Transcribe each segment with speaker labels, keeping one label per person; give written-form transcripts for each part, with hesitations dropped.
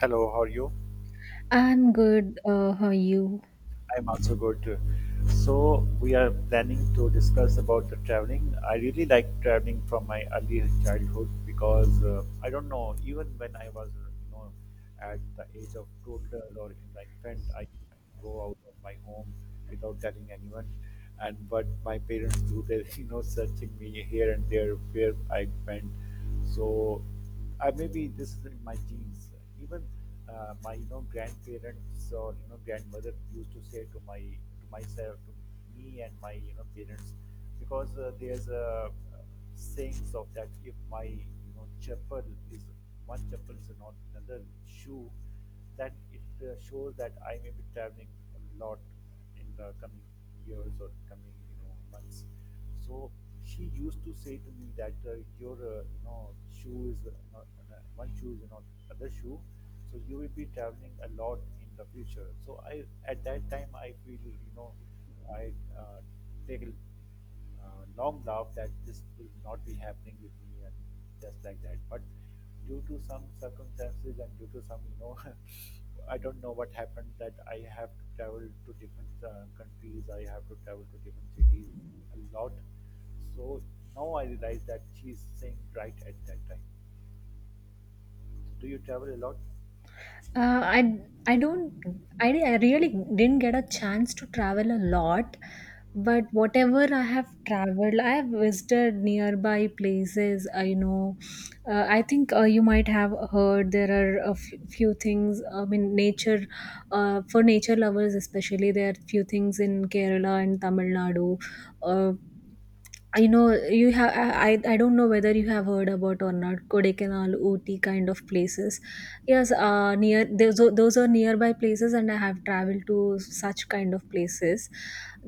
Speaker 1: Hello, how are you?
Speaker 2: I'm good. How are you?
Speaker 1: I'm also good. So we are planning to discuss about the traveling. I really like traveling from my early childhood because I don't know, even when I was, at the age of toddler or in the infant, I used to go out of my home without telling anyone. And but my parents do their, searching me here and there where I went. So. I maybe this is in my genes. Even my grandparents or grandmother used to say to my to myself, to me and my parents, because there's a sayings of that if my chapel is one chapel is not another shoe, that it shows that I may be traveling a lot in the coming years or coming months. So she used to say to me that your shoe is not on one shoe is not other shoe, so you will be traveling a lot in the future. So I at that time I feel you know I uh, take a long laugh that this will not be happening with me and just like that. But due to some circumstances and due to some I don't know what happened, that I have to travel to different countries, I have to travel to different cities a lot. So now I realize that she's saying right at that time. So do you travel a lot?
Speaker 2: Uh, I I don't. I really didn't get a chance to travel a lot, but whatever I have traveled, I have visited nearby places. I know. I think you might have heard there are few things. I mean, nature. For nature lovers especially, there are few things in Kerala and Tamil Nadu. Uh, I know you have. I don't know whether you have heard about or not. Kodaikanal, Ooty kind of places. Yes, near those are nearby places, and I have traveled to such kind of places.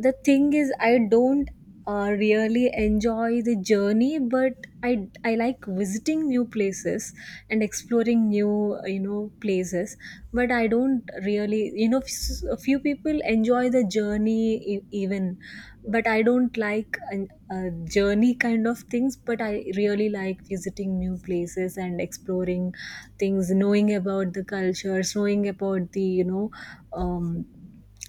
Speaker 2: The thing is, I don't really enjoy the journey, but I like visiting new places and exploring new you know places. But I don't really you know a few people enjoy the journey e- even but
Speaker 1: Yes.
Speaker 2: I don't like a journey kind of things, but I really like visiting new places and exploring things, knowing about the cultures, knowing about the you know um,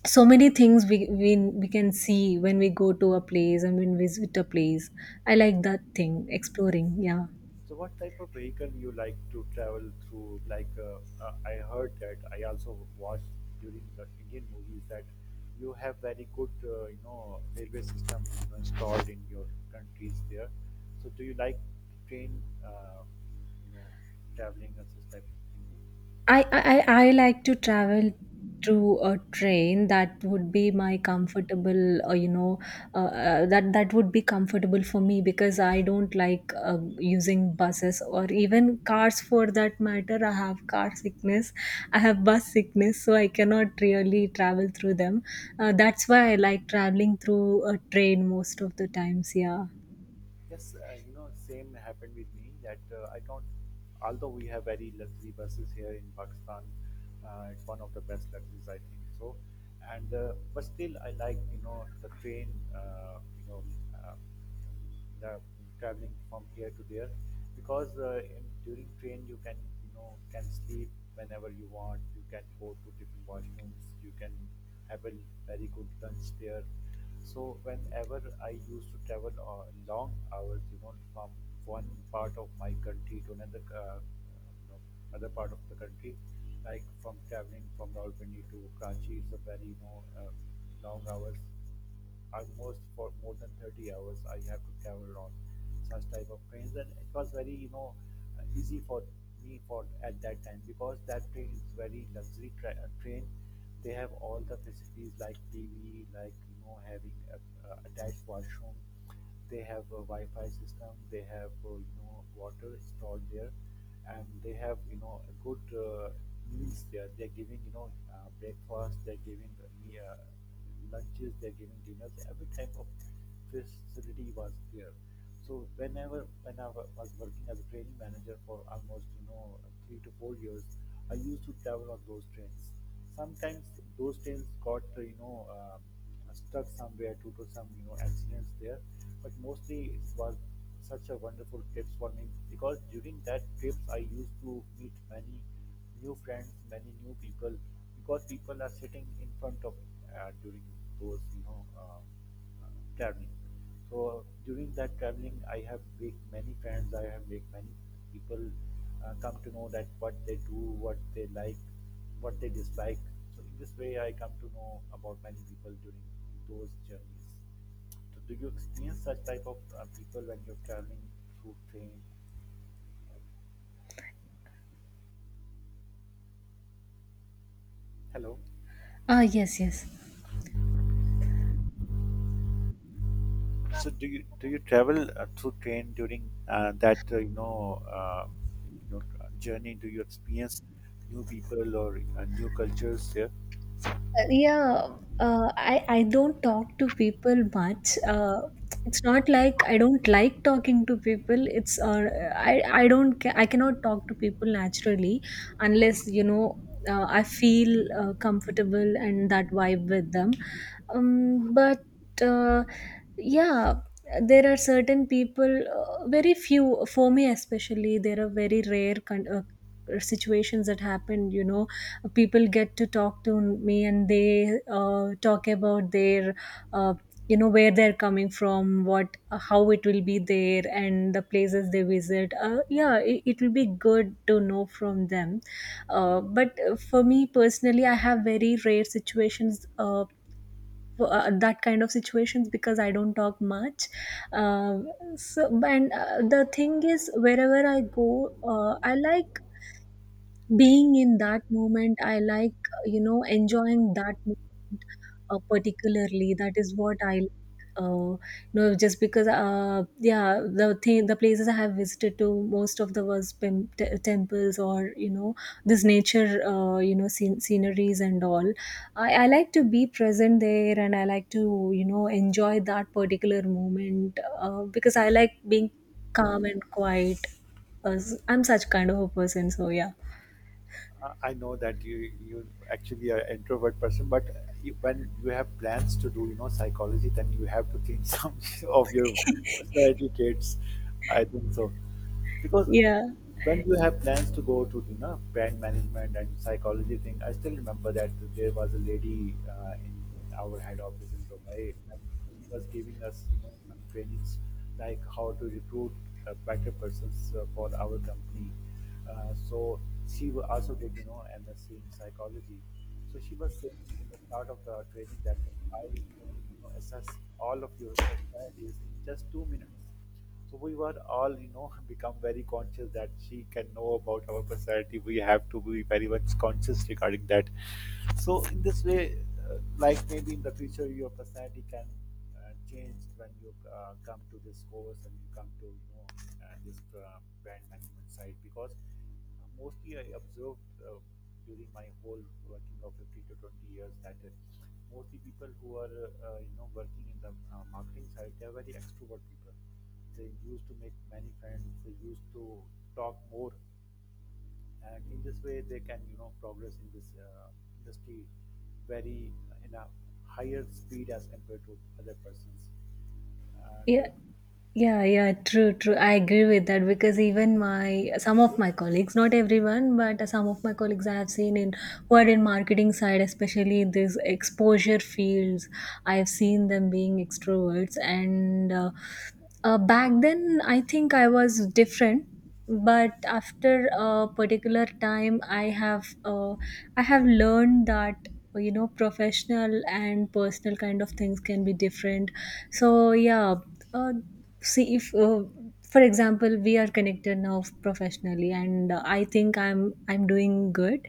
Speaker 2: so many things we, we can see when we go to a place and when visit a place. I like that thing, exploring, yeah.
Speaker 1: So, what type of vehicle you like to travel through? Like, I heard that I also watched during the Indian movies that you have very good, railway system installed in your countries there. So, do you like train, you know, traveling as a type?
Speaker 2: I like to travel through a train. That would be my comfortable you know that would be comfortable for me because I don't like using buses or even cars for that matter. I have car sickness, I have bus sickness, so I cannot really travel through them. That's why I like traveling through a train most of the times, yeah.
Speaker 1: Yes, same happened with me that I don't, although we have very luxury buses here in Pakistan, it's one of the best luxuries, I think so. And but still, I like the train, you know, uh, the traveling from here to there, because during train you can can sleep whenever you want. You can go to different washrooms. You can have a very good lunch there. So whenever I used to travel long hours, you know, from one part of my country to another, you know, other part of the country, like from traveling from Rawalpindi to Karachi, it's a very long hours, almost for more than 30 hours I have to travel on such type of trains. And it was very easy for me for at that time, because that train is very luxury train. They have all the facilities like TV, like having a attached washroom. They have a Wi-Fi system. They have water stored there, and they have a good meals there. They're giving breakfast. They're giving lunches. They're giving dinners. Every type of facility was there. So whenever when I was working as a training manager for almost 3 to 4 years, I used to travel on those trains. Sometimes those trains got stuck somewhere due to some accidents there, but mostly it was such a wonderful trips for me, because during that trips I used to meet many new friends, many new people, because people are sitting in front of during those traveling. So during that traveling, I have make many friends. I have make many people come to know that what they do, what they like, what they dislike. So in this way, I come to know about many people during those journeys. So do you experience such type of people when you're traveling through train? Hello.
Speaker 2: Yes, yes.
Speaker 1: So do you travel through train during that you know journey? Do you experience new people or new cultures there?
Speaker 2: Yeah, I don't talk to people much. It's not like I don't like talking to people. It's I I don't ca- I cannot talk to people naturally unless you know I feel comfortable and that vibe with them. But uh, yeah, there are certain people, very few for me especially. There are very rare kind of situations that happen. You know, people get to talk to me and they talk about their uh, you know where they're coming from, what how it will be there and the places they visit. Yeah, it will be good to know from them. But for me personally, I have very rare situations, that kind of situations because I don't talk much. Uh, so, and the thing is, wherever I go, I like being in that moment. I like you know enjoying that moment, particularly. That is what I like. uh, you know, just because yeah, the thing, the places I have visited to most of the was temples or you know this nature, you know sceneries and all. I like to be present there and I like to you know enjoy that particular moment, because I like being calm and quiet. uh, I'm such kind of a person, so yeah.
Speaker 1: I know that you actually are an introvert person, but you, when you have plans to do psychology, then you have to change some of your personality traits. I think so. Because
Speaker 2: Yeah.
Speaker 1: when you have plans to go to brand management and psychology thing, I still remember that there was a lady in our head office in Dubai, and she was giving us some trainings like how to recruit better persons for our company. So she also did MSc in psychology. So she was saying in the start of the training that I can assess all of your personalities in just 2 minutes. So we were all, you know, become very conscious that she can know about our personality. We have to be very much conscious regarding that. So in this way, like maybe in the future, your personality can change when you come to this course and you come to this brand management side, because mostly I observed during my whole working of 15 to 20 years that mostly people who are working in the marketing side, they are very extrovert people. They used to make many friends, they used to talk more, and in this way they can progress in this industry very in a higher speed as compared to other persons. And
Speaker 2: Yeah, yeah, yeah, true, true. I agree with that because even my some of my colleagues, not everyone, but some of my colleagues I have seen in who are in marketing side, especially in these exposure fields, I have seen them being extroverts. And back then, I think I was different, but after a particular time I have I have learned that you know professional and personal kind of things can be different, so yeah. uh, See, if for example we are connected now professionally, and I think I'm doing good,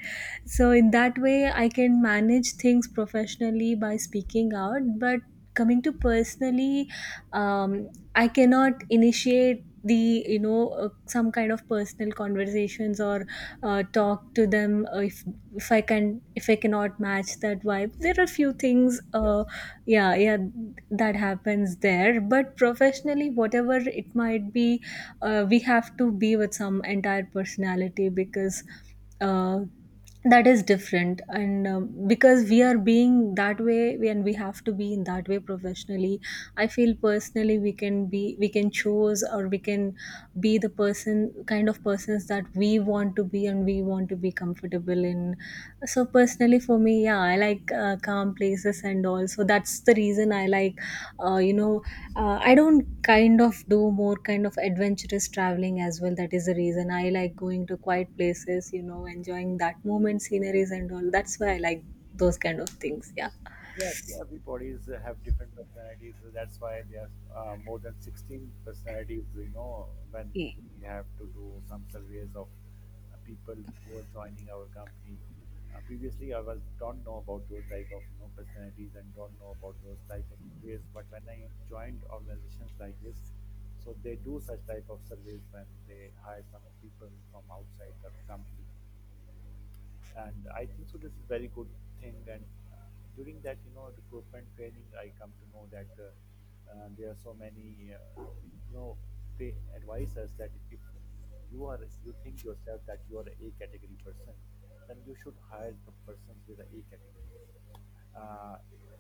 Speaker 2: so in that way I can manage things professionally by speaking out, but coming to personally, um, I cannot initiate the you know some kind of personal conversations or talk to them, if I can if I cannot match that vibe. There are few things,
Speaker 1: Yes.
Speaker 2: yeah, yeah, that happens there. But professionally, whatever it might be, we have to be with some entire personality, because uh, that is different. And because we are being that way and we have to be in that way professionally. I feel personally we can be, we can choose, or we can be the person kind of persons that we want to be and we want to be comfortable in. So personally for me, yeah, I like calm places and all. So that's the reason I like, you know, I don't kind of do more kind of adventurous traveling as well. That is the reason I like going to quiet places, you know, enjoying that moment, sceneries, and all. That's why I like those kind of things.
Speaker 1: Yes, everybody's have different personalities. That's why there are more than 16 personalities, you know, when
Speaker 2: Yeah.
Speaker 1: we have to do some surveys of people who are joining our company. Previously, I was don't know about those type of personalities and don't know about those type of surveys. But when I joined organizations like this, so they do such type of surveys when they hire some people from outside the company. And I think so this is very good thing. And uh, During that recruitment training, I come to know that there are so many you know they advise us that if you are you think yourself that you are a category person, then you should hire the persons with a category. uh,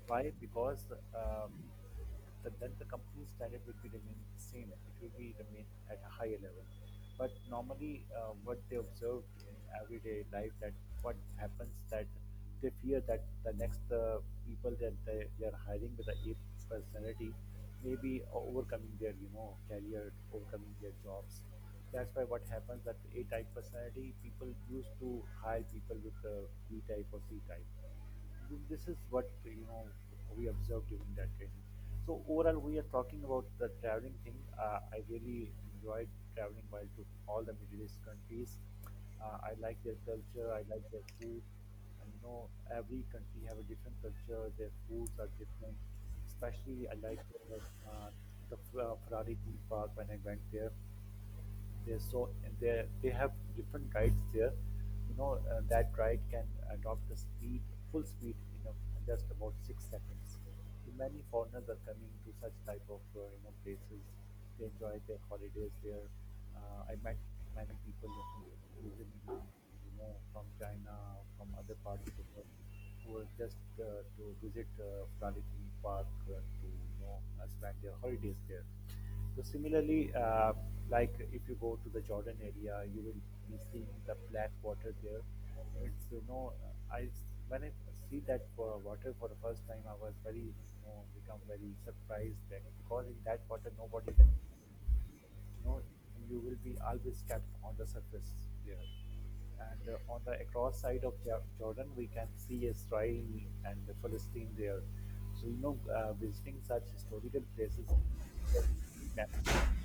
Speaker 1: why? Because um, the, then the company standard will be remain the same. It will be remain at a higher level. But normally, what they observed in everyday life, that what happens that they fear that the next people that they are hiring with the A personality may be overcoming their career, overcoming their jobs. That's why what happens that A type personality people used to hire people with B type or C type. This is what we observed during that training. So overall we are talking about the traveling thing. I really enjoyed traveling while to all the Middle East countries. I like their culture, I like their food, and you know, every country have a different culture, their foods are different. Especially I like uh, Ferrari theme park. When I went there, they so they have different rides there. You know that ride can adopt a speed, full speed in a, just about 6 seconds. Many foreigners are coming to such type of places. They enjoy their holidays there. I met many people who visit you know, from China, from other parts of the world, who are just to visit Florida Theme Park to spend their holidays there. So similarly, like if you go to the Jordan area, you will be seeing the black water there. It's you know, I when I see that water for the first time, I was very become very surprised, that because in that water nobody can know, you will be always kept on the surface there. And on the across side of Jordan we can see Israel and the Philistine there. So you know, visiting such historical places is a good memory for me.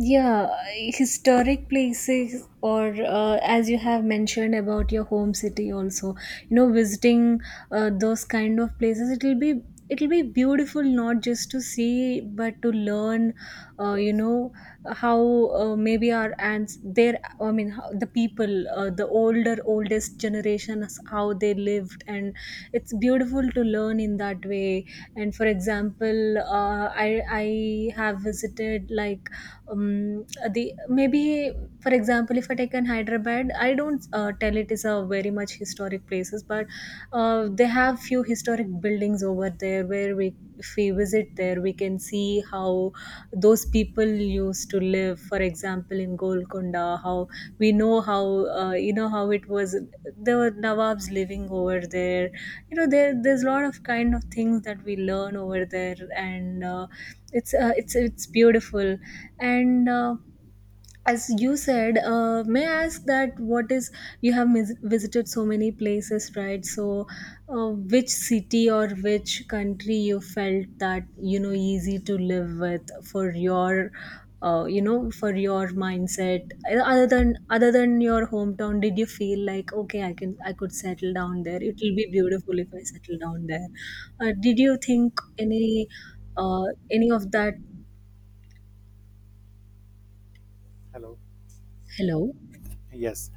Speaker 2: Yeah, historic places, or as you have mentioned about your home city, also, you know, visiting those kind of places, it'll be beautiful, not just to see but to learn, you
Speaker 1: Yes.
Speaker 2: know, how maybe our ants their I mean how, the people the older oldest generations how they lived. And it's beautiful to learn in that way. And for example, I have visited like um, the maybe, for example, if I take an Hyderabad, I don't tell it is a very much historic places, but they have few historic buildings over there where we, if we visit there, we can see how those people used to live, for example in Golconda. How we know how, you know, how it was, there were nawabs living over there. You know, there's a lot of kind of things that we learn over there. And it's beautiful. And as you said, may I ask that what is, you have visited so many places, right? So uh, which city or which country you felt that you know easy to live with for your you know, for your mindset, other than, other than your hometown, did you feel like, okay, I can, I could settle down there, it will be beautiful if I settle down there. Did you think uh, any of that?
Speaker 1: Hello.
Speaker 2: Hello?
Speaker 1: Yes,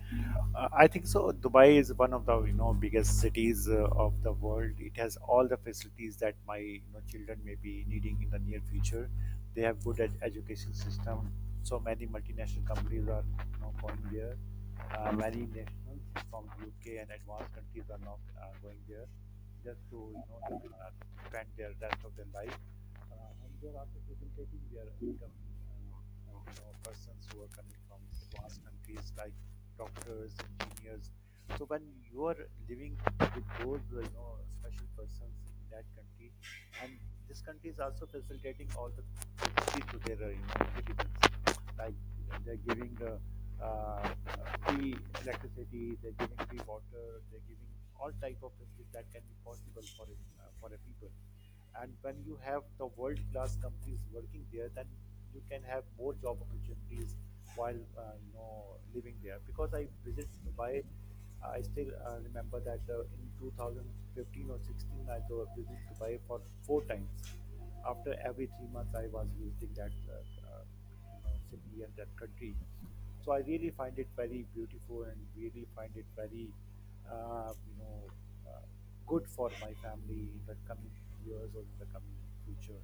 Speaker 1: I think so. Dubai is one of the biggest cities of the world. It has all the facilities that my children may be needing in the near future. They have good education system. So many multinational companies are going there. Many nationals from UK and advanced countries are now going there just to spend their rest of their life. And they're also facilitating their incoming persons who are coming from advanced countries, like doctors, engineers. So when you are living with those special persons in that country, and this country is also facilitating all the things to their citizens, like they're giving uh, free electricity, they're giving free water, they're giving all type of facilities that can be possible for for a people. And when you have the world class companies working there, then you can have more job opportunities while living there. Because I visit Dubai, I still remember that in 2015 or 16 visited Dubai for four times. After every 3 months I was visiting that city and that country. So I really find it very beautiful and really find it very uh, you know uh, good for my family in the coming years or in the coming future.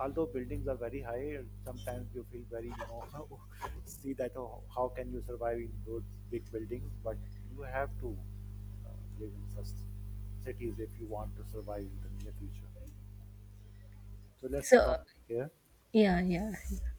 Speaker 1: Although buildings are very high, sometimes you feel very you know how, see that oh, how can you survive in those big buildings? But you have to live in such cities if you want to survive in the near future. So let's stop
Speaker 2: So
Speaker 1: here.
Speaker 2: yeah, yeah.